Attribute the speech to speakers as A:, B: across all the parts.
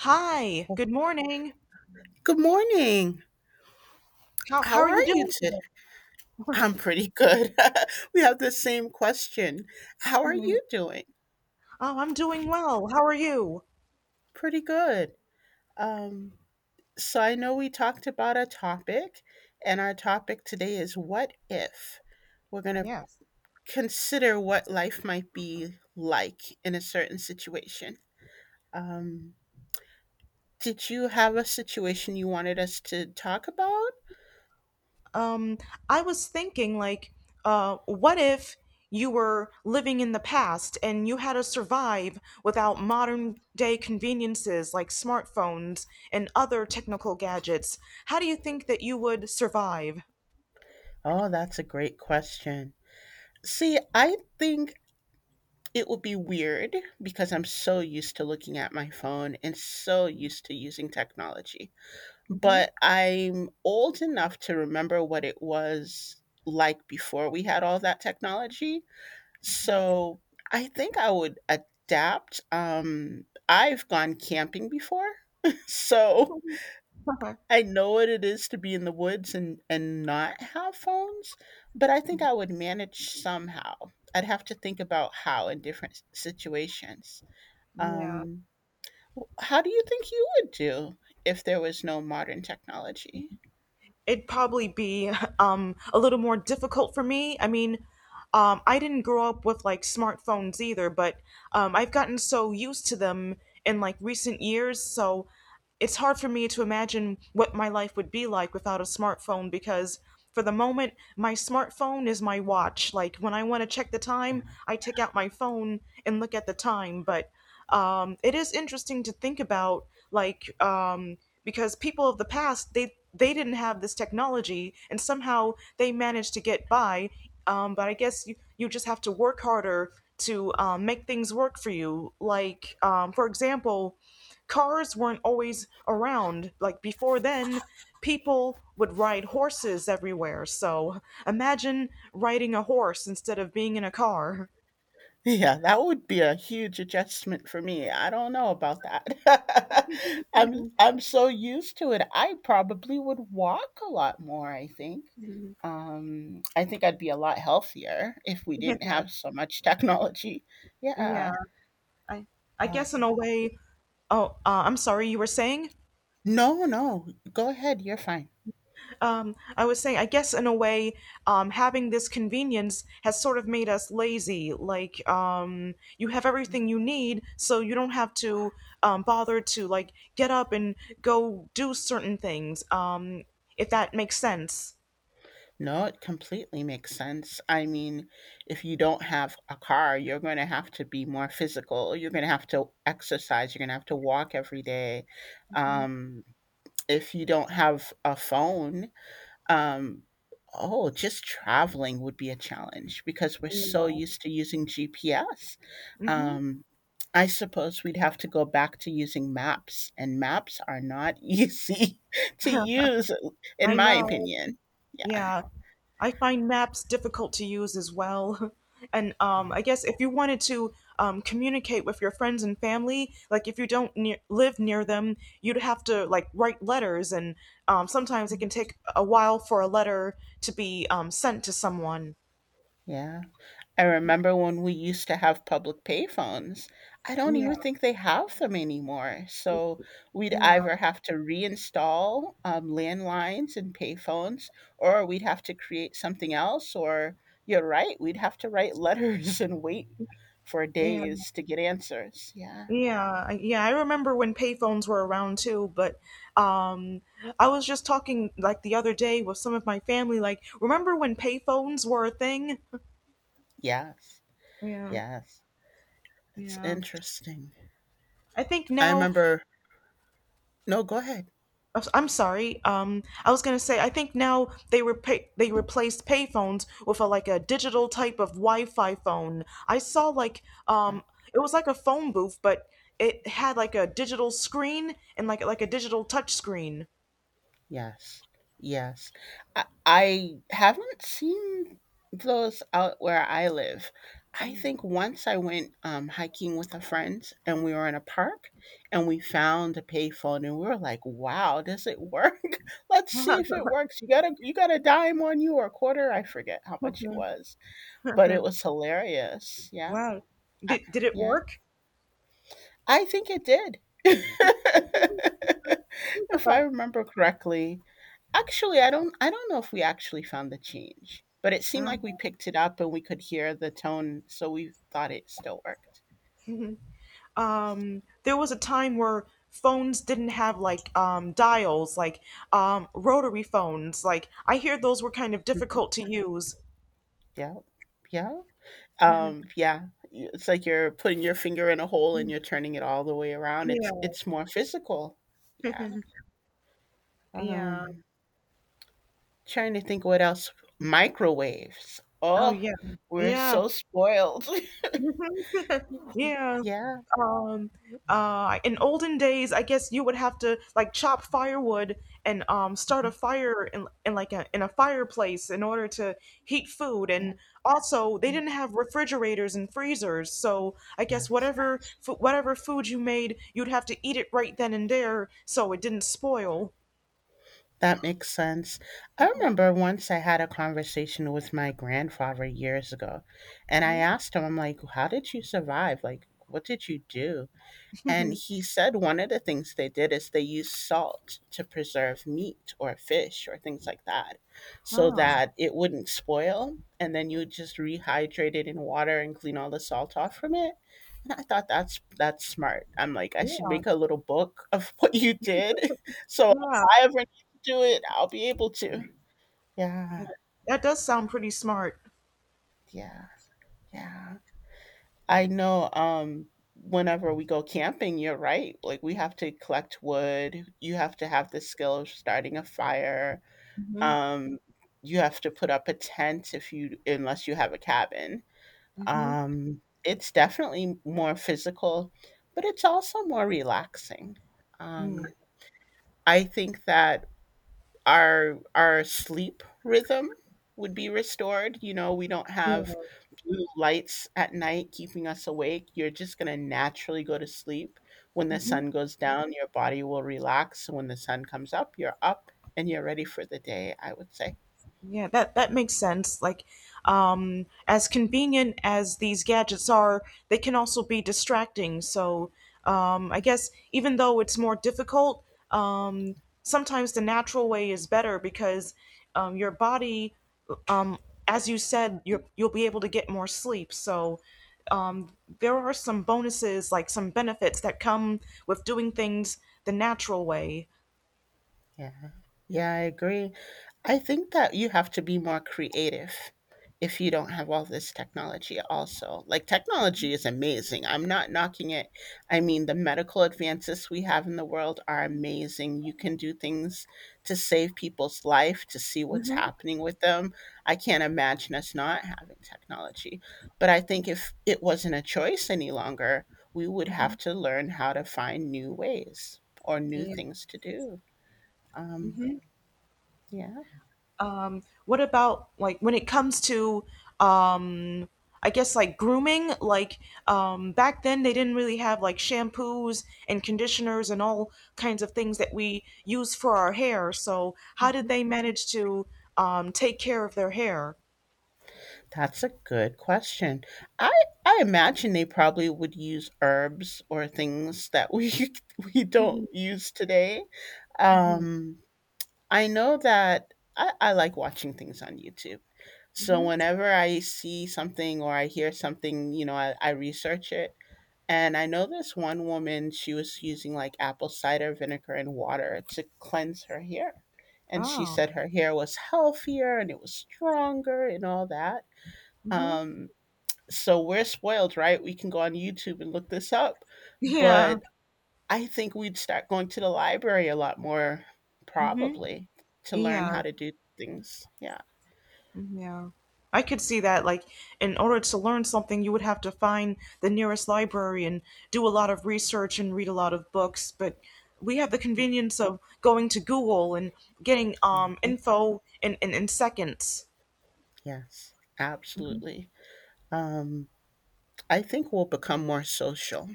A: Hi, good morning.
B: Good morning.
A: How
B: How
A: are
B: are
A: you
B: you
A: doing
B: today?
A: today?
B: I'm pretty good. We have the same question. How are you doing?
A: Oh, I'm doing well. How are you?
B: Pretty good. Um, so I know we talked about a topic, and our topic today is what if? We're going to
A: Yes.
B: consider what life might be like in a certain situation. Um, did you have a situation you wanted us to talk about?
A: Um, I was thinking, like, what if you were living in the past and you had to survive without modern day conveniences like smartphones and other technical gadgets? How do you think that you would survive?
B: Oh, that's a great question. See, I think it would be weird because I'm so used to looking at my phone and so used to using technology.
A: Hmm.
B: But I'm old enough to remember what it was like before we had all that technology. So I think I would adapt. I've gone camping before. So I know what it is to be in the woods and not have phones, but I think I would manage somehow. I'd have to think about how in different situations.
A: Yeah.
B: Um, how do you think you would do if there was no modern technology?
A: It'd probably be a little more difficult for me. I mean, I didn't grow up with like smartphones either, but I've gotten so used to them in, like, recent years. So it's hard for me to imagine what my life would be like without a smartphone, because for the moment my smartphone is my watch. Like, when I want to check the time, I take out my phone and look at the time. But it is interesting to think about, like, because people of the past, they didn't have this technology and somehow they managed to get by. But I guess you just have to work harder to make things work for you, like, for example, cars weren't always around. Like, before then, people would ride horses everywhere. So imagine riding a horse instead of being in a car.
B: Yeah, that would be a huge adjustment for me. I don't know about that. I'm so used to it. I probably would walk a lot more, I think. I think I'd be a lot healthier if we didn't
A: Yeah,
B: have so much technology.
A: yeah.
B: Yeah.
A: I I
B: Uh,
A: guess in a way. Oh, I'm sorry. You were saying?
B: no, no. Go ahead. You're fine.
A: I was saying, I guess in a way, having this convenience has sort of made us lazy. Like, you have everything you need, so you don't have to bother to, like, get up and go do certain things. If that makes sense.
B: No, it completely makes sense. I mean, if you don't have a car, you're going to have to be more physical. You're going to have to exercise. You're going to have to walk every day.
A: Mhm.
B: Um, if you don't have a phone, um, oh, just traveling would be a challenge because we're so
A: Yeah.
B: used to using GPS.
A: Hmm.
B: Um, I suppose we'd have to go back to using maps, and maps are not easy to use, in
A: I
B: my
A: know.
B: opinion. Yeah.
A: Yeah. I find maps difficult to use as well. And
B: Yeah.
A: I guess if you wanted to communicate with your friends and family, like if you don't live near them, you'd have to, like, write letters, and sometimes it can take a while for a letter to be sent to someone.
B: Yeah. I remember when we used to have public payphones. I don't
A: Yeah,
B: even think they have them anymore. So we'd
A: yeah,
B: either have to reinstall landlines and payphones, or we'd have to create something else, or you're right, we'd have to write letters and wait for
A: yeah,
B: days to get answers. Yeah.
A: yeah, yeah. I remember when payphones were around too, but um, I was just talking, like, the other day with some of my family. Like, remember when payphones were a thing?
B: Yes.
A: Yeah,
B: Yes. It's
A: yeah.
B: interesting.
A: I think
B: I
A: now,
B: remember. No, go ahead.
A: I'm sorry. I was gonna say, I think now they replaced payphones with a like a digital type of Wi-Fi phone. I saw, like, um, it was like a phone booth, but it had like a digital screen and like a digital touch screen.
B: Yes. Yes. I haven't seen those out where I live. I think once I went hiking with a friend and we were in a park and we found a payphone and we were like, wow, does it work? Let's see if it works. You got a dime on you or a quarter. I forget how much it was, but it was hilarious. Yeah.
A: wow,
B: I,
A: did it
B: yeah.
A: work?
B: I think it did. If I remember correctly, actually, I don't know if we actually found the change, but it seemed like we picked it up and we could hear the tone, so we thought it still worked.
A: Yeah. There was a time where phones didn't have, like, dials, like rotary phones. Like, I hear those were kind of
B: Mhm.
A: difficult to use.
B: Yeah. Yeah. Yeah. It's like you're putting your finger in a hole and you're turning it all the way around. It's
A: Yeah.
B: it's more physical. Yeah.
A: yeah.
B: Um, Trying to think what else. Microwaves.
A: Oh,
B: Oh,
A: yeah.
B: we're
A: Yeah.
B: so spoiled.
A: Yeah.
B: Yeah.
A: Um, in olden days, I guess you would have to, like, chop firewood and start a fire in like a in a fireplace in order to heat food.
B: Yeah.
A: And also, they
B: Yeah.
A: didn't have refrigerators and freezers, so I
B: Yeah.
A: guess whatever food you made, you'd have to eat it right then and there, so it didn't spoil.
B: That makes sense. I remember once I had a conversation with my grandfather years ago, and I
A: Mhm.
B: asked him, I'm like, how did you survive? Like, what did you do? And he said one of the things they did is they used salt to preserve meat or fish or things like that so
A: Ah,
B: that it wouldn't spoil. And then you would just rehydrate it in water and clean all the salt off from it. And I thought that's smart. I'm like, I should
A: yeah,
B: make a little book of what you did. So if
A: yeah.
B: I ever need to do it, I'll be able to. Yeah.
A: That does sound pretty smart.
B: Yeah. Yeah. I know whenever we go camping, you're right. Like we have to collect wood, you have to have the skill of starting a fire.
A: Hmm.
B: Um you have to put up a tent if you unless you have a cabin.
A: Hmm.
B: It's definitely more physical, but it's also more relaxing. Um I think that our sleep rhythm would be restored. You know, we don't have
A: Yeah.
B: blue lights at night keeping us awake. You're just going to naturally go to sleep. When the
A: Mhm.
B: sun goes down, your body will relax. So when the sun comes up, you're up and you're ready for the day, I would say.
A: Yeah, that makes sense. Like, as convenient as these gadgets are, they can also be distracting. So, I guess even though it's more difficult, um, sometimes the natural way is better because, your body, um, as you said, you'll be able to get more sleep. So, um, there are some bonuses, like some benefits that come with doing things the natural way.
B: Yeah. Yeah, I agree. I think that you have to be more creative if you don't have all this technology also. Like technology is amazing. I'm not knocking it. I mean, the medical advances we have in the world are amazing. You can do things to save people's life, to see what's
A: Hmm.
B: happening with them. I can't imagine us not having technology. But I think if it wasn't a choice any longer, we would
A: Hmm.
B: have to learn how to find new ways or new
A: Yeah.
B: things to do. Um, yeah,
A: What about, like, when it comes to, um, I guess, like, grooming? Like, back then, they didn't really have like shampoos and conditioners and all kinds of things that we use for our hair. So how did
B: mhm.
A: they manage to take care of their hair?
B: That's a good question. I I imagine they probably would use herbs or things that we we don't
A: Mm-hmm,
B: use today.
A: mm-hmm,
B: Um, I know that I like watching things on YouTube. So
A: mm-hmm.
B: whenever I see something or I hear something, I research it. And I know this one woman, she was using like apple cider vinegar and water to cleanse her hair. And she
A: Oh,
B: said her hair was healthier and it was stronger and all that.
A: mm-hmm.
B: Um, so we're spoiled, right? We can go on YouTube and look this up.
A: yeah,
B: But I think we'd start going to the library a lot more,
A: mm-hmm,
B: probably, to learn
A: yeah.
B: how to do things. Yeah.
A: Yeah. I could see that, like, in order to learn something, you would have to find the nearest library and do a lot of research and read a lot of books. But we have the convenience of going to Google and getting
B: Mhm.
A: info in seconds.
B: Yes,
A: Mhm.
B: absolutely. Um, I think we'll become more social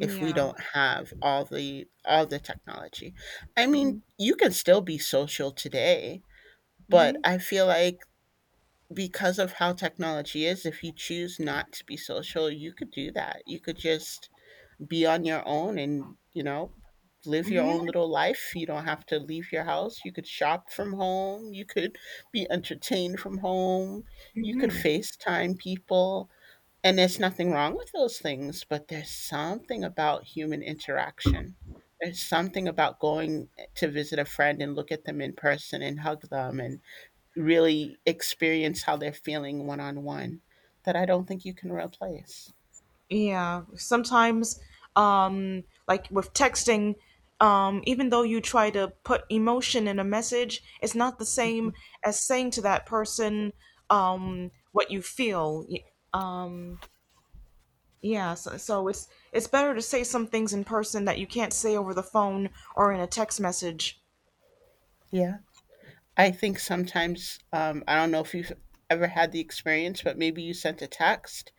B: if we don't have all the technology. I mean, you can still be social today, but
A: Mm-hmm.
B: I feel like because of how technology is, if you choose not to be social, you could do that. You could just be on your own, and live your
A: Hmm.
B: own little life. You don't have to leave your house. You could shop from home. You could be entertained from home. You could
A: Hmm.
B: FaceTime people, and there's nothing wrong with those things, but there's something about human interaction. There's something about going to visit a friend and look at them in person and hug them and really experience how they're feeling one on one that I don't think you can replace.
A: Yeah, sometimes, like with texting, even though you try to put emotion in a message, it's not the same as saying to that person, what you feel. Um, yeah, so it's better to say some things in person that you can't say over the phone or in a text message.
B: Yeah, I think sometimes, I don't know if you've ever had the experience, but maybe you sent a text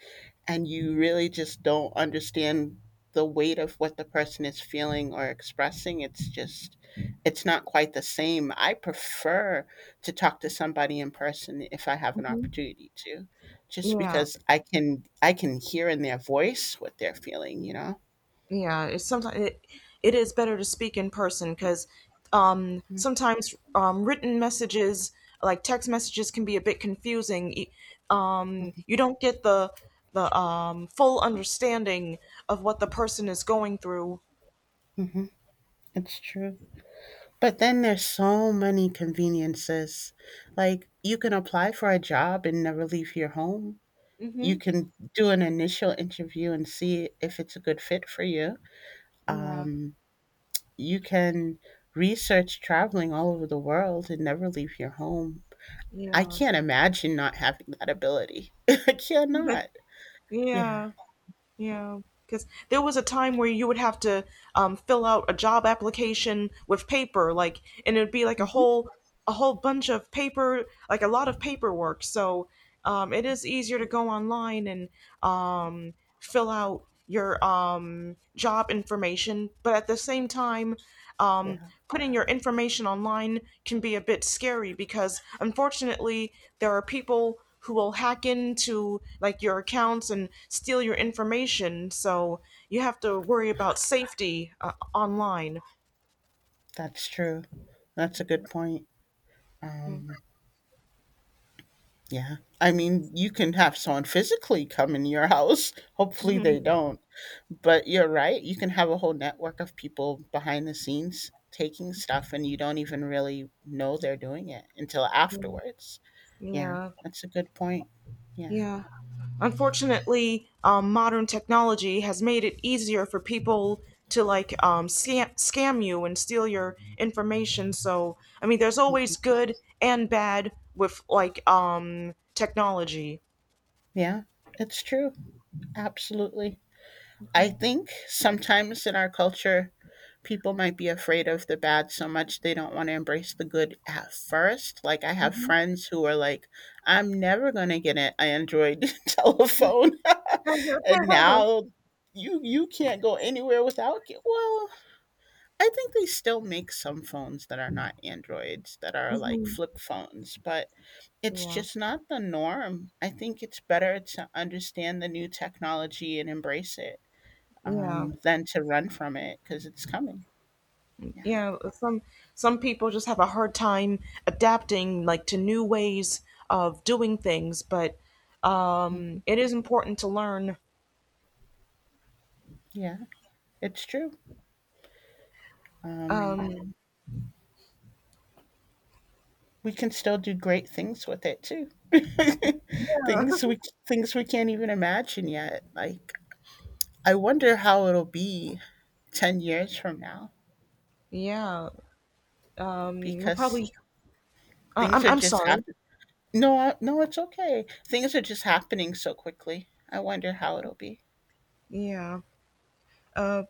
B: and you really just don't understand the weight of what the person is feeling or expressing. It's not quite the same. I prefer to talk to somebody in person if I have an
A: Hmm.
B: opportunity to, just
A: Yeah.
B: because I can hear in their voice what they're feeling. You know,
A: Yeah, it is better to speak in person because, sometimes, written messages, like text messages, can be a bit confusing. You don't get the full understanding of what the person is going through.
B: mm-hmm. It's true. But then there's so many conveniences. Like, you can apply for a job and never leave your home. You
A: Mm-hmm.
B: can do an initial interview and see if it's a good fit for you.
A: Yeah,
B: Um, you can research traveling all over the world and never leave your home. I
A: yeah,
B: can't imagine not having that ability. I cannot. Yeah.
A: yeah. Yeah, because there was a time where you would have to fill out a job application with paper, like, and it'd be like
B: Hmm.
A: a whole bunch of paper, like a lot of paperwork. So it is easier to go online and um, fill out your job information, but at the same time, um,
B: Yeah,
A: putting your information online can be a bit scary because, unfortunately, there are people who will hack into, like, your accounts and steal your information. So you have to worry about safety online.
B: that's true. That's a good point. Um, Yeah. I mean, you can have someone physically come in your house. Hopefully they don't. But you're right. You can have a whole network of people behind the scenes taking stuff and you don't even really know they're doing it until afterwards. Yeah.
A: Yeah.
B: That's a good point. Yeah.
A: Yeah. Unfortunately, modern technology has made it easier for people to, like, scam you and steal your information. So, I mean, there's
B: Mm-hmm.
A: always good and bad with, like, technology.
B: Yeah. It's true. Absolutely. I think sometimes in our culture, people might be afraid of the bad so much they don't want to embrace the good at first. Like, I have
A: Mhm.
B: friends who are like, I'm never going to get an Android telephone. And now you can't go anywhere without it. Well, I think they still make some phones that are not Androids, that are like
A: Mhm.
B: flip phones, but it's
A: Yeah.
B: just not the norm. I think it's better to understand the new technology and embrace it
A: Yeah.
B: than to run from it because it's coming. Yeah.
A: Yeah. Some people just have a hard time adapting, like, to new ways of doing things, but
B: Mm,
A: it is important to learn.
B: yeah, it's true. Um,
A: Um,
B: we can still do great things with it too. things we things we can't even imagine yet. Like I wonder how it'll be 10 years from now
A: Yeah. We'll
B: because
A: probably.
B: things
A: I'm.
B: are
A: I'm
B: just
A: sorry.
B: happening. No, no, it's okay. Things are just happening so quickly. I wonder how it'll be.
A: Yeah. Uh,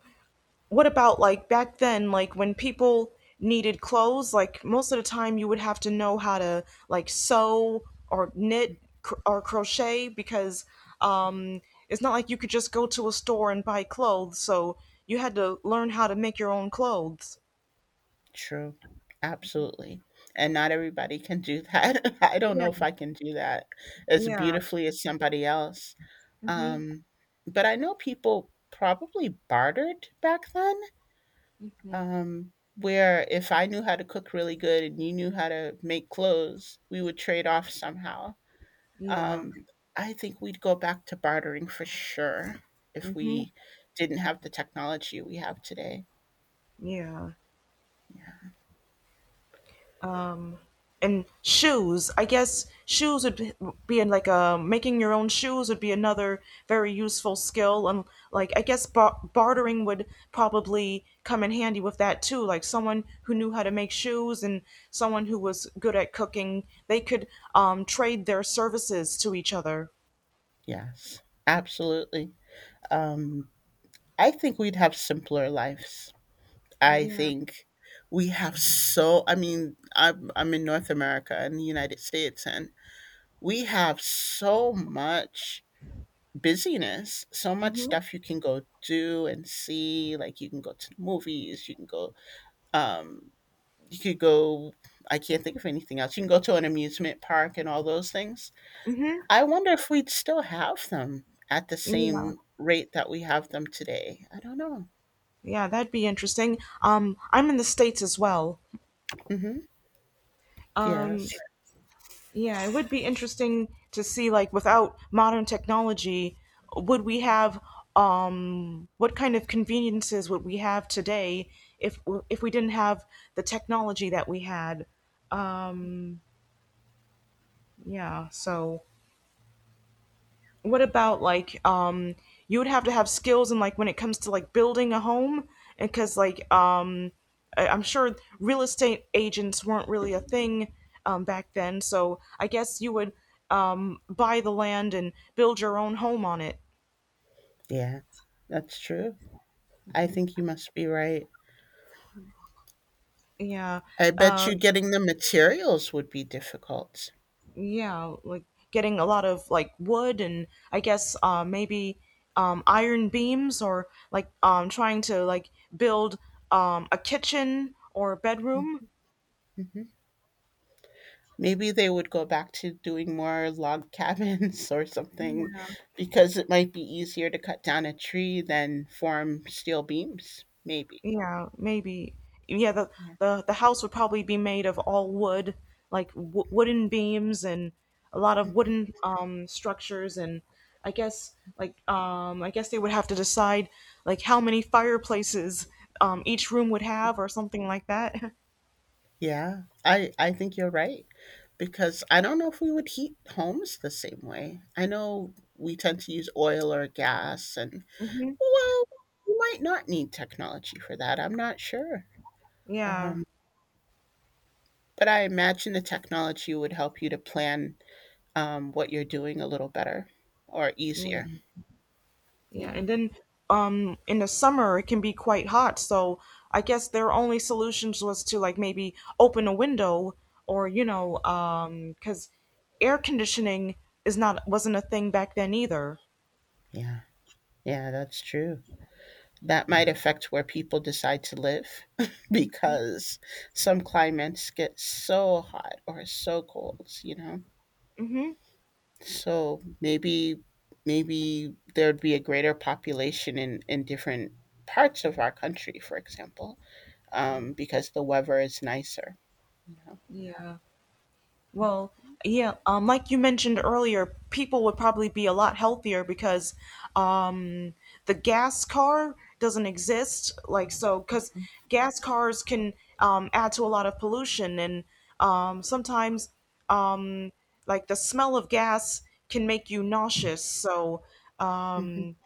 A: what about, like, back then? Like, when people needed clothes, like most of the time you would have to know how to, like, sew or knit or crochet because, um, it's not like you could just go to a store and buy clothes. So you had to learn how to make your own clothes.
B: True. Absolutely. And not everybody can do that. I don't know if
A: Yeah.
B: I can do that as
A: Yeah.
B: beautifully as somebody else.
A: Mhm.
B: Um, but I know people probably bartered back then,
A: Mhm.
B: where if I knew how to cook really good and you knew how to make clothes, we would trade off somehow.
A: Yeah.
B: Um, I think we'd go back to bartering for sure if
A: Mhm.
B: we didn't have the technology we have today.
A: Yeah. um and shoes. I guess shoes would be in like a making your own shoes would be another very useful skill. And, like, I guess bartering would probably come in handy with that too, like someone who knew how to make shoes and someone who was good at cooking, they could trade their services to each other.
B: Yes, absolutely. Um, I think we'd have simpler lives. I
A: Yeah.
B: think we have so, I mean, I'm in North America and the United States, and we have so much busyness, so much
A: Hmm.
B: stuff you can go do and see. Like, you can go to the movies, you can go, um, you could go, I can't think of anything else. You can go to an amusement park and all those things. I wonder if we'd still have them at the
A: Yeah.
B: same rate that we have them today. I don't know.
A: Yeah, that'd be interesting. I'm in the States as well.
B: Hmm.
A: um
B: Yes.
A: Yeah, it would be interesting to see, like, without modern technology, would we have what kind of conveniences would we have today if if we didn't have the technology that we had? Yeah, so what about, like, you would have to have skills in, like, when it comes to, like, building a home because, like, I'm sure real estate agents weren't really a thing, back then, so I guess you would buy the land and build your own home on it.
B: Yeah, that's true. I think you must be right.
A: Yeah.
B: I bet
A: uh,
B: you getting the materials would be difficult.
A: yeah, like, getting a lot of, like, wood, and I guess, maybe, iron beams, or, like, trying to, like, build a kitchen or a bedroom.
B: Mhm. Maybe they would go back to doing more log cabins or something because it might be easier to cut down a tree than form steel beams, maybe.
A: Yeah, maybe. Yeah, the
B: Yeah.
A: the the house would probably be made of all wood, like wooden beams and a lot of wooden structures. And I guess, like, I guess they would have to decide, like, how many fireplaces each room would have, or something like that.
B: Yeah. I think you're right because I don't know if we would heat homes the same way. I know we tend to use oil or gas. And
A: hmm.
B: well, you might not need technology for that, I'm not sure,
A: Yeah.
B: um, but I imagine the technology would help you to plan, what you're doing a little better or
A: Yeah.
B: easier.
A: Yeah,
B: Yeah,
A: and then, in the summer it can be quite hot, so I guess their only solutions was to, like, maybe open a window. Or cuz air conditioning is not wasn't a thing back then either.
B: yeah, yeah, that's true. That might affect where people decide to live because some climates get so hot or so cold, you know?
A: Mhm.
B: So maybe there'd be a greater population in different parts of our country, for example. Because the weather is nicer. You know.
A: Yeah. Well, yeah, like you mentioned earlier, people would probably be a lot healthier because um, the gas car doesn't exist. Like, so, because gas cars can add to a lot of pollution, and, sometimes, um, like, the smell of gas can make you nauseous. So,
B: Hmm.
A: um,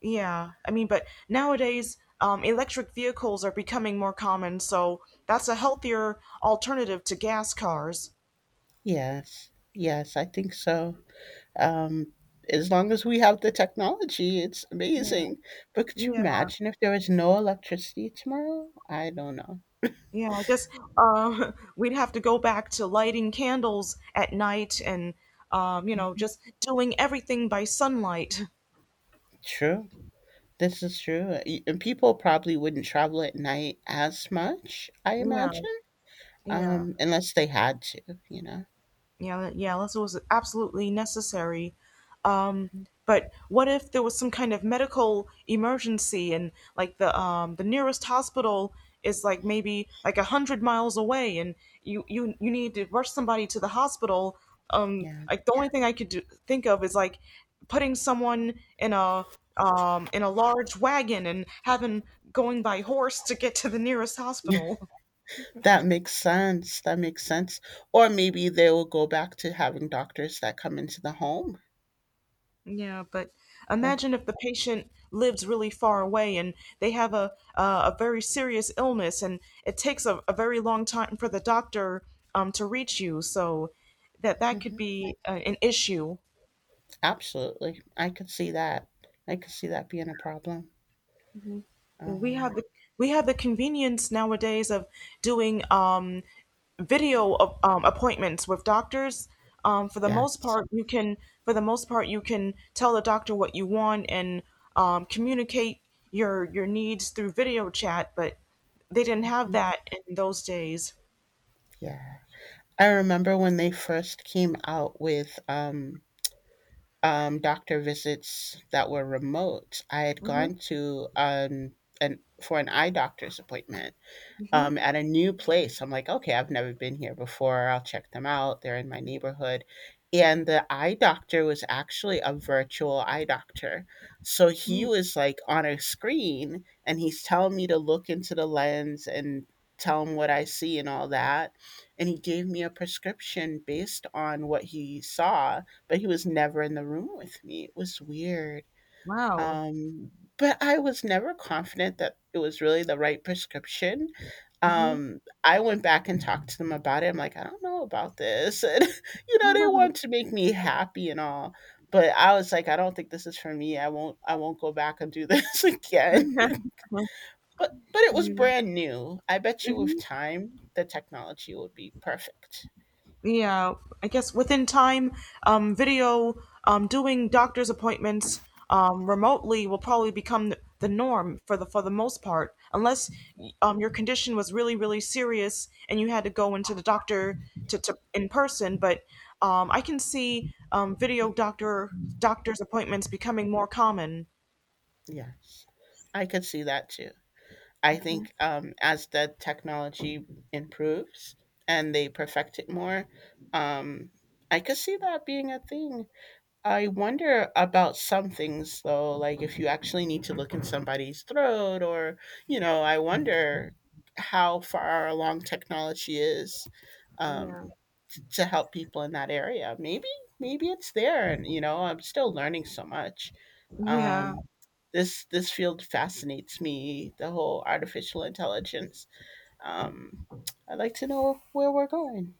A: yeah, I mean, but nowadays, electric vehicles are becoming more common, so that's a healthier alternative to gas cars.
B: Yes. Yes, I think so. Um, as long as we have the technology, it's amazing. But could you
A: Yeah,
B: imagine if there was no electricity tomorrow? I don't know.
A: yeah. I guess, we'd have to go back to lighting candles at night and,
B: Mhm.
A: just doing everything by sunlight.
B: True. This is true. And people probably wouldn't travel at night as much, I
A: Yeah,
B: imagine,
A: yeah.
B: unless they had to, you know?
A: Yeah, yeah, unless it was absolutely necessary. Um, but what if there was some kind of medical emergency and, like, the nearest hospital is, like, maybe, like, 100 miles away, and you need to rush somebody to the hospital. Um,
B: Yeah.
A: like the only thing I could think of is like putting someone in a large wagon and having going by horse to get to the nearest hospital.
B: That makes sense. That makes sense. Or maybe they will go back to having doctors that come into the home.
A: Yeah, but
B: Yeah,
A: imagine if the patient lives really far away and they have a very serious illness, and it takes a very long time for the doctor to reach you. So that could
B: mhm.
A: be an issue.
B: Absolutely. I could see that. I could see that being a problem.
A: we
B: Um,
A: have the we have the convenience nowadays of doing video of, appointments with doctors. For the most
B: yes.
A: part, you can tell the doctor what you want and communicate your needs through video chat. But they didn't have
B: Mhm.
A: that in those days.
B: Yeah. I remember when they first came out with doctor visits that were remote. I had gone to an for an eye doctor's appointment at a new place. I'm like, okay, I've never been here before. I'll check them out. They're in my neighborhood. And the eye doctor was actually a virtual eye doctor. So he was like on a screen and he's telling me to look into the lens and tell him what I see and all that. And he gave me a prescription based on what he saw, but he was never in the room with me. It was weird.
A: Wow.
B: Um, but I was never confident that it was really the right prescription. I went back and talked to them about it. I'm like, I don't know about this. And they want to make me happy and all. But I was like, I don't think this is for me. I won't go back and do this again. But it
A: Thank
B: was
A: you.
B: brand new. I bet you with time the technology would be perfect.
A: Yeah, I guess within time, doing doctor's appointments, remotely will probably become the norm for the most part, unless your condition was really really serious and you had to go into the doctor to in person. But I can see
B: Mm,
A: video doctor's appointments becoming more common.
B: yes. I could see that too. I think as the technology improves and they perfect it more, um, I could see that being a thing. I wonder about some things though, like if you actually need to look in somebody's throat, or I wonder how far along technology is
A: Yeah.
B: um, to help people in that area. Maybe it's there, and I'm still learning so much.
A: Yeah.
B: Um, this field fascinates me, the whole artificial intelligence. Um, I'd like to know where we're going.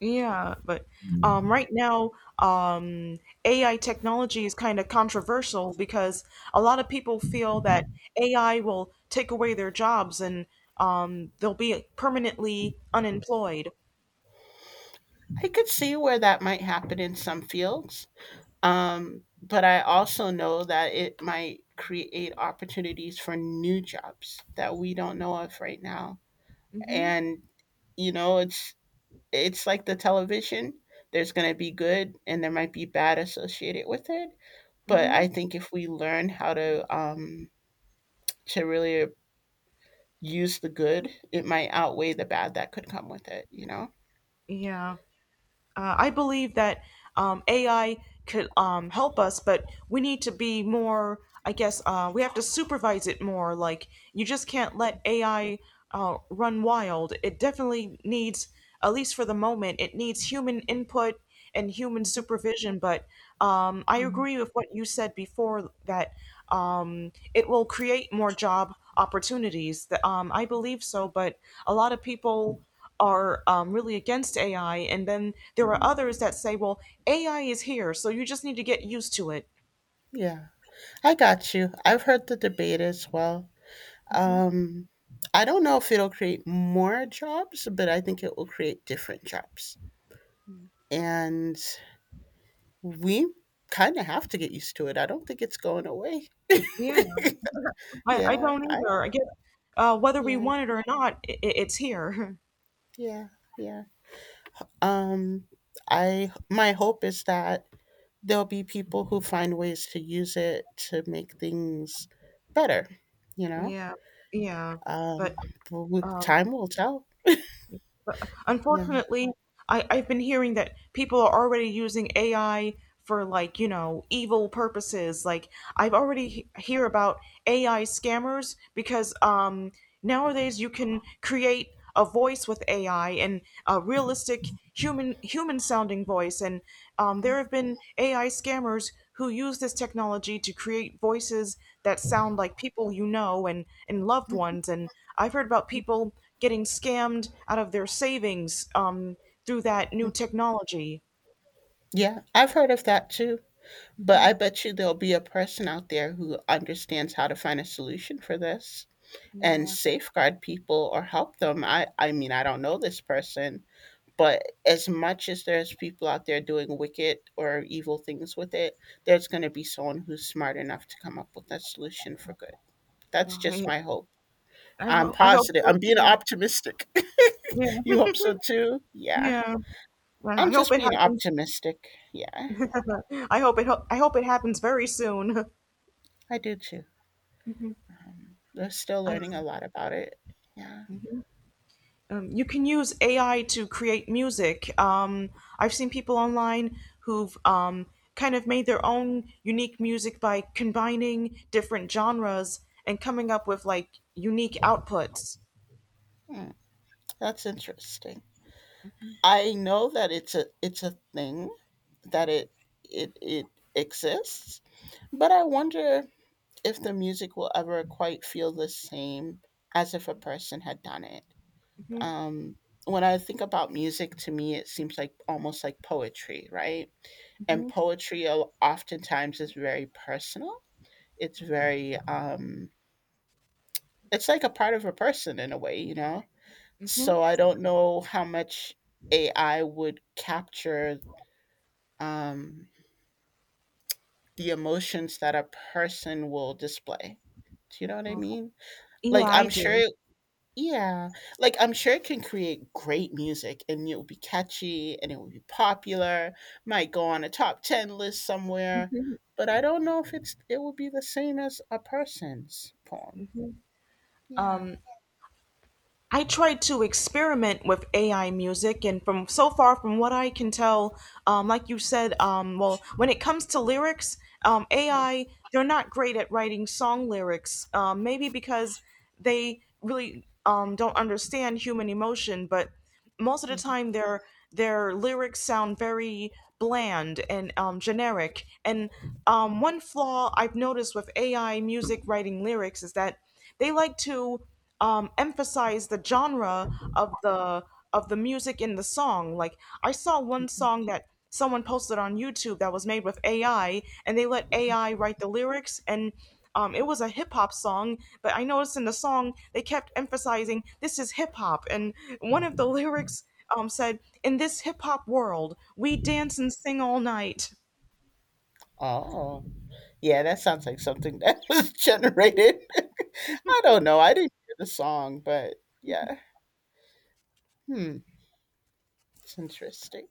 A: Yeah, but right now, um, AI technology is kind of controversial because a lot of people feel that AI will take away their jobs and they'll be permanently unemployed.
B: I could see where that might happen in some fields. But I also know that it might create opportunities for new jobs that we don't know of right now.
A: Mm-hmm.
B: And it's like the television. There's going to be good and there might be bad associated with it, but I
A: Mm-hmm.
B: think if we learn how to really use the good, it might outweigh the bad that could come with it, you know?
A: Yeah. I believe that AI could help us, but we need to be more. I guess we have to supervise it more. Like you just can't let AI run wild. It definitely needs, at least for the moment, it needs human input and human supervision. But I
B: Mm.
A: agree with what you said before that it will create more job opportunities. That I believe so, but a lot of people are really against AI, and then there are others that say, well, AI is here, so you just need to get used to it.
B: Yeah. I got you. I've heard the debate as well. Um, I don't know if it'll create more jobs, but I think it will create different jobs. And we kind of have to get used to it. I don't think it's going away.
A: Yeah, I
B: Yeah.
A: don't
B: I,
A: either. I guess whether we
B: yeah.
A: want it or not, it's here.
B: Yeah. Yeah. Um, I my hope is that there'll be people who find ways to use it to make things better, you know?
A: Yeah, yeah.
B: Um,
A: But,
B: but
A: um,
B: time will tell.
A: but
B: Yeah.
A: unfortunately, I've been hearing that people are already using AI for like, evil purposes. Like I've already hear about AI scammers because nowadays you can create a voice with AI and a realistic human sounding voice and there have been AI scammers who use this technology to create voices that sound like people you know and loved ones, and I've heard about people getting scammed out of their savings through that new technology.
B: Yeah, I've heard of that too. But I bet you there'll be a person out there who understands how to find a solution for this and
A: Yeah,
B: safeguard people or help them. I mean, I don't know this person, but as much as there's people out there doing wicked or evil things with it, there's going to be someone who's smart enough to come up with that solution for good. That's just
A: well,
B: my hope.
A: I
B: I'm
A: hope. I hope
B: positive.
A: so
B: I'm being
A: too.
B: optimistic.
A: Yeah,
B: You hope so too? Yeah.
A: yeah. Well,
B: I'm
A: I hope
B: just
A: it
B: being
A: happens.
B: optimistic. Yeah,
A: I hope it happens very soon.
B: I do too. They're still
A: I-
B: learning a lot about it. Yeah.
A: You can use AI to create music. I've seen people online who've kind of made their own unique music by combining different genres and coming up with like unique outputs.
B: Hmm, that's interesting. I know that it's a thing that it exists, but I wonder if the music will ever quite feel the same as if a person had done it.
A: Hmm.
B: Um, when I think about music, to me, it seems like almost like poetry, right? And
A: Hmm.
B: poetry oftentimes is very personal. It's very um, it's like a part of a person in a way. So
A: Hmm.
B: I don't know how much AI would capture um, the emotions that a person will display. Do you know what I
A: Well,
B: mean?
A: yeah,
B: Like
A: I
B: I'm
A: do.
B: sure, yeah. Like I'm sure it can create great music, and it will be catchy, and it will be popular. Might go on a top ten list somewhere, but I don't know if it will be the same as a person's poem. Yeah.
A: I tried to experiment with AI music, and from so far, from what I can tell, like you said, well, when it comes to lyrics, AI they're not great at writing song lyrics. Maybe because they really don't understand human emotion, but most of the
B: Mhm.
A: time their lyrics sound very bland and generic. And one flaw I've noticed with AI music writing lyrics is that they like to emphasize the genre of the music in the song. Like I saw one song that someone posted on YouTube that was made with AI, and they let AI write the lyrics, and it was a hip hop song, but I noticed in the song they kept emphasizing this is hip hop, and one of the lyrics said, "In this hip hop world, we dance and sing all night."
B: Oh. Yeah, that sounds like something that was generated. I don't know. I didn't hear the song, but yeah. Hmm. It's interesting.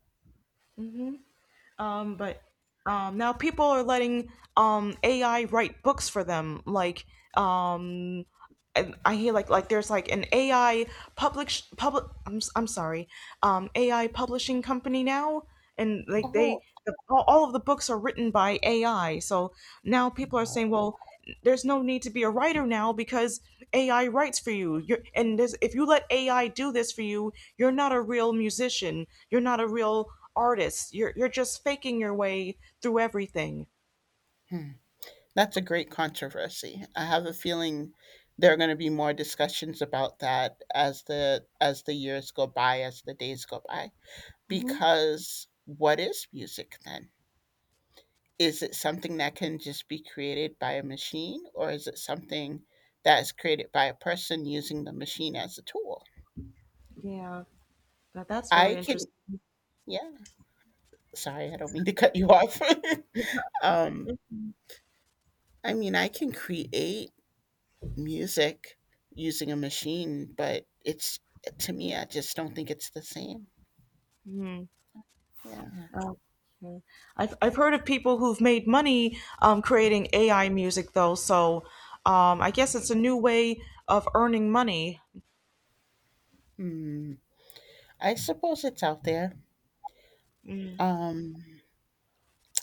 A: Um,
B: Yeah.
A: but um, now people are letting AI write books for them, um and I hear like there's like an AI public public, I'm sorry, AI publishing company now, and
B: Oh.
A: all of the books are written by AI. So now people are saying, well, there's no need to be a writer now because AI writes for you. If you let AI do this for you, you're not a real musician. You're not a real artist. You're just faking your way through everything.
B: Hmm. That's a great controversy. I have a feeling there are going to be more discussions about that as the years go by, as the days go by.
A: Hmm.
B: Because what is music then? Is it something that can just be created by a machine, or is it something that is created by a person using the machine as a tool?
A: Yeah, that's
B: I
A: very
B: can,
A: interesting.
B: yeah. Sorry, I don't mean to cut you off. um, I mean, I can create music using a machine, but it's to me, I just don't think it's the same. Yeah.
A: Oh, okay. I've heard of people who've made money creating AI music though, so I guess it's a new way of earning money.
B: Hmm. I suppose it's out there. Um,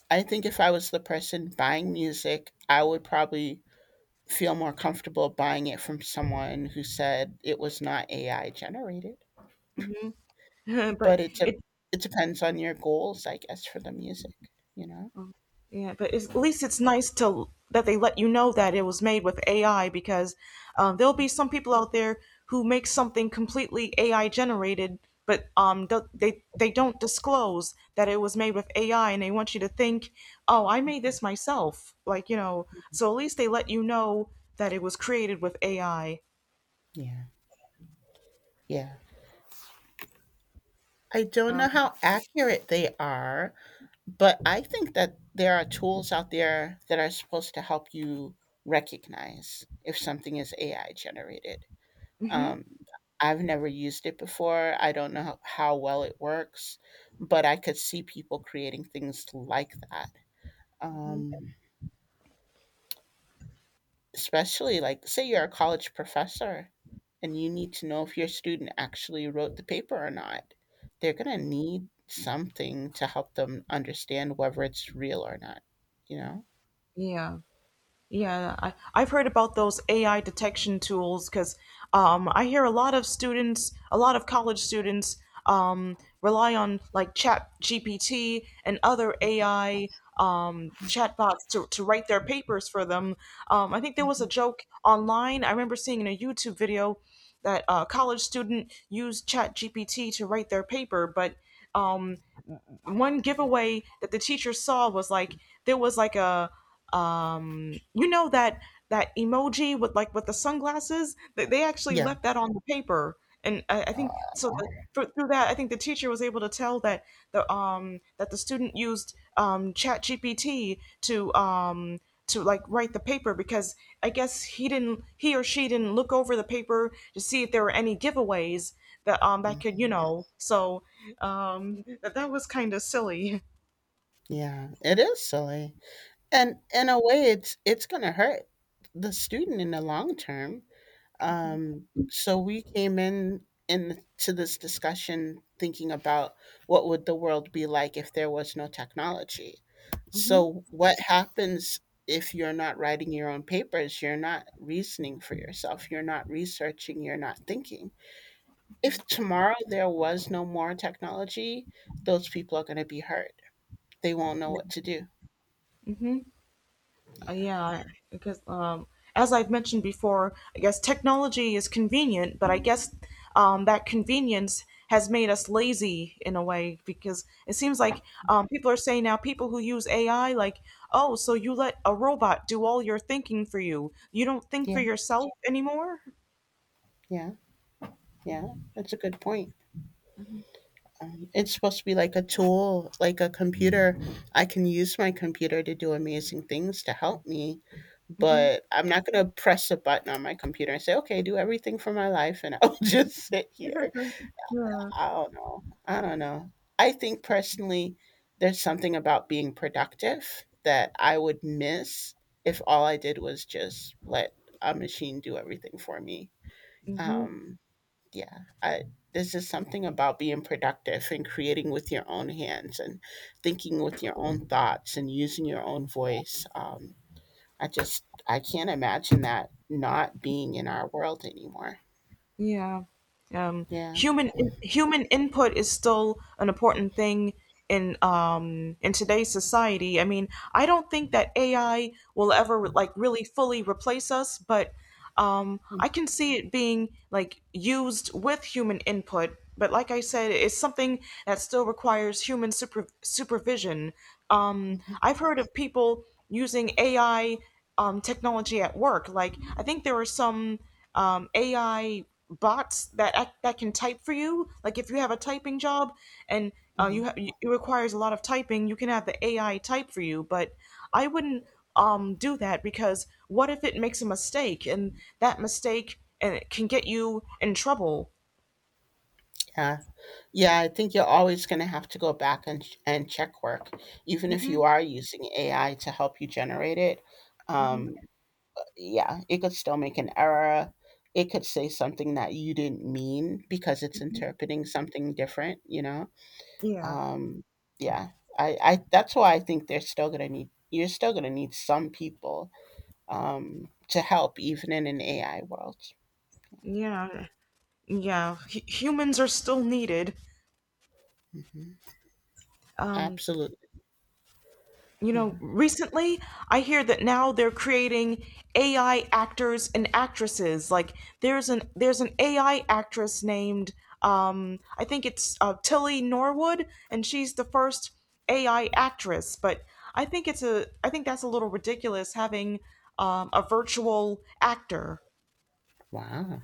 B: I think if I was the person buying music, I would probably feel more comfortable buying it from someone who said it was not AI generated.
A: But
B: But
A: it
B: it depends on your goals, I guess, for the music. You know.
A: Yeah, but it's, at least it's nice to that they let you know that it was made with AI because there'll be some people out there who make something completely AI generated, but they don't disclose that it was made with AI, and they want you to think, oh, I made this myself. So at least they let you know that it was created with AI.
B: Yeah, yeah. I don't
A: Um,
B: know how accurate they are, but I think that there are tools out there that are supposed to help you recognize if something is AI generated.
A: mhm.
B: Um, I've never used it before. I don't know how well it works, but I could see people creating things like that. Um, Especially like say you're a college professor and you need to know if your student actually wrote the paper or not. They're going to need something to help them understand whether it's real or not you know
A: Yeah. Yeah, I've heard about those AI detection tools because I hear a lot of students, a lot of college students rely on like Chat GPT and other AI chatbots to write their papers for them. I think there was
B: Mhm.
A: a joke online. I remember seeing in a YouTube video that a college student used Chat GPT to write their paper, but um, one giveaway that the teacher saw was like there was like a you know that that emoji with the sunglasses. They actually
B: Yeah.
A: left that on the paper, and I
B: Uh,
A: think so, through that I think the teacher was able to tell that the student used ChatGPT to um to like write the paper, because I guess he didn't, he or she didn't look over the paper to see if there were any giveaways that could,
B: mhm.
A: so that was kind of silly.
B: Yeah, it is silly and in a way it's going to hurt the student in the long term. So we came in into this discussion thinking about what would the world be like if there was no technology.
A: Hmm.
B: So what happens if you're not writing your own papers, you're not reasoning for yourself, you're not researching, you're not thinking. If tomorrow there was no more technology, those people are going to be hurt. They won't know what to do.
A: Hmm.
B: Yeah.
A: Yeah, because as I've mentioned before, I guess technology is convenient, but I guess that convenience has made us lazy in a way because it seems like people are saying now people who use AI like, oh, so you let a robot do all your thinking for you. You don't think for
B: Yeah.
A: yourself anymore.
B: Yeah. Yeah. That's a good point. It's supposed to be like a tool, like a computer. I can use my computer to do amazing things to help me,
A: Hmm.
B: but I'm not going to press a button on my computer and say, okay, do everything for my life and I'll just sit here. I don't know. I don't know. I think personally, there's something about being productive that I would miss if all I did was just let a machine do everything for me.
A: Hmm.
B: Um, yeah I this is something about being productive and creating with your own hands and thinking with your own thoughts and using your own voice. I can't imagine that not being in our world anymore.
A: Yeah. Um,
B: Yeah.
A: human input is still an important thing in in today's society. I mean, I don't think that AI will ever like really fully replace us, but I can see it being like used with human input. But like I said, it's something that still requires human supervision.
B: Mhm.
A: I've heard of people using AI technology at work. Like I think there are some AI bots that can type for you. Like if you have a typing job and
B: Mhm.
A: it requires a lot of typing, you can have the AI type for you. But I wouldn't do that, because what if it makes a mistake, and that mistake, and it can get you in trouble?
B: Yeah, yeah, I think you're always going to have to go back and check work even if
A: Hmm.
B: you are using AI to help you generate it.
A: Hmm.
B: um, yeah, it could still make an error. It could say something that you didn't mean because it's interpreting something different, you know?
A: Yeah,
B: Um, yeah. I that's why I think they're still gonna need you're still gonna need some people to help even in an AI world.
A: yeah, yeah. Humans are still needed.
B: Hmm.
A: Um,
B: Absolutely. Yeah.
A: Recently I hear that now they're creating AI actors and actresses. Like there's an AI actress named, I think it's, Tilly Norwood, and she's the first AI actress. But I think that's a little ridiculous having a virtual actor.
B: Wow.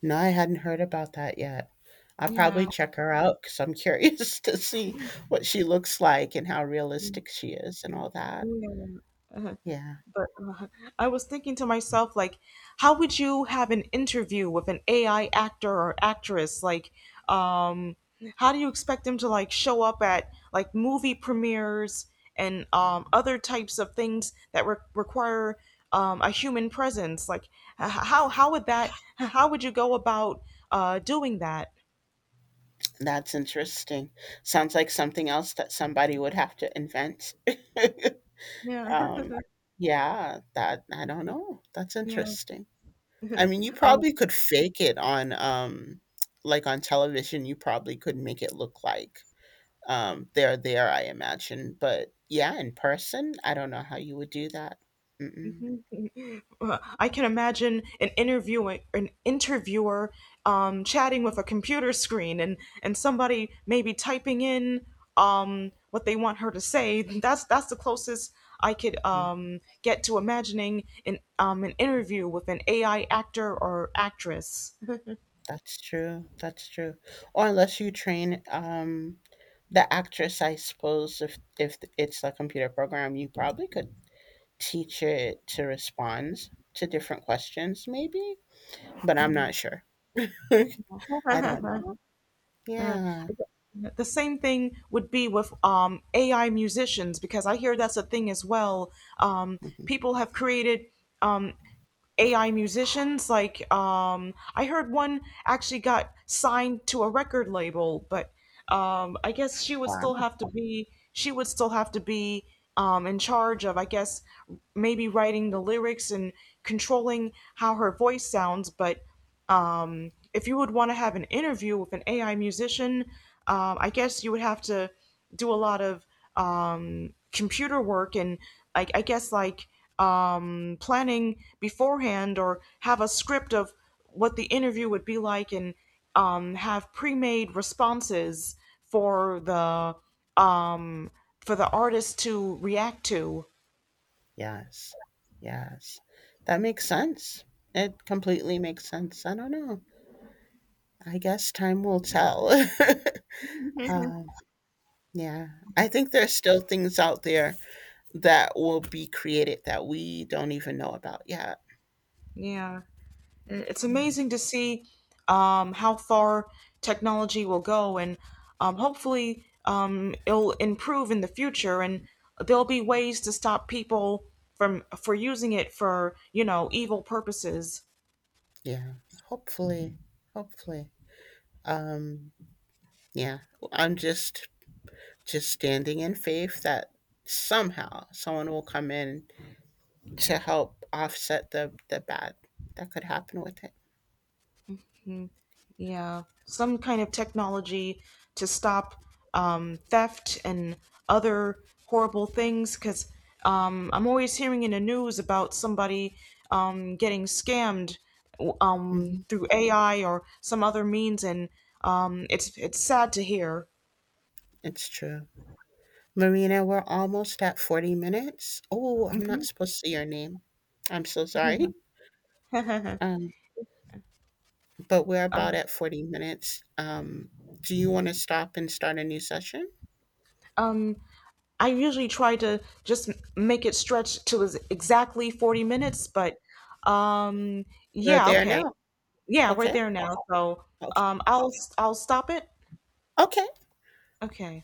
B: No, I hadn't heard about that yet. I'll probably
A: Yeah.
B: check her out because I'm curious to see what she looks like and how realistic she is and all that.
A: Yeah.
B: Yeah.
A: But uh, I was thinking to myself, like, how would you have an interview with an AI actor or actress? Like, um, how do you expect them to like show up at like movie premieres and other types of things that require a human presence? Like, how would that? How would you go about doing that?
B: That's interesting. Sounds like something else that somebody would have to invent.
A: Yeah,
B: Um, yeah, that I don't know. That's
A: yeah.
B: interesting. I mean, you
A: Um,
B: probably could fake it on, like on television. You probably could make it look like they're there. I imagine, but yeah, in person, I don't know how you would do that. Mm-mm.
A: I can imagine an interviewing an interviewer chatting with a computer screen, and somebody maybe typing in what they want her to say. That's the closest I could
B: Mm,
A: get to imagining an interview with an AI actor or actress.
B: That's true. That's true. Or unless you train the actress, I suppose, if it's a computer program, you probably could teacher to respond to different questions, maybe, but I'm not sure. I don't know.
A: Uh,
B: Yeah.
A: the same thing would be with AI musicians, because I hear that's a thing as well. Um,
B: Mhm.
A: People have created. Um, AI musicians. Like, I heard one actually got signed to a record label, but I guess
B: Wow.
A: she would still have to be in charge of, I guess, maybe writing the lyrics and controlling how her voice sounds. But if you would want to have an interview with an AI musician, I guess you would have to do a lot of computer work, and I guess like planning beforehand, or have a script of what the interview would be like, and have pre-made responses for um, the artist to react to.
B: Yes. Yes. That makes sense. It completely makes sense. I don't know. I guess time will tell. um, yeah. I think there's still things out there that will be created that we don't even know about yet.
A: Yeah. It's
B: Yeah.
A: amazing to see how far technology will go, and hopefully it'll improve in the future. And there'll be ways to stop people from for using it for evil purposes.
B: Yeah. Hopefully. Hopefully. Um, yeah. I'm just standing in faith that somehow someone will come in to help offset the bad that could happen with it.
A: Yeah, some kind of technology to stop theft and other horrible things. Because I'm always hearing in the news about somebody getting scammed
B: Hmm.
A: through AI or some other means, and it's sad to hear.
B: It's true. Marina, we're almost at 40 minutes. Oh, I'm not supposed to say your name. I'm so sorry.
A: Mhm.
B: Um, but we're about at 40 minutes. Do you want to stop and start a new session?
A: um, I usually try to just make it stretch to exactly 40 minutes, but um,
B: We're
A: yeah,
B: there
A: okay.
B: now.
A: Yeah, we're
B: Okay.
A: there now. So
B: Okay.
A: um, I'll I'll stop it.
B: Okay.
A: Okay.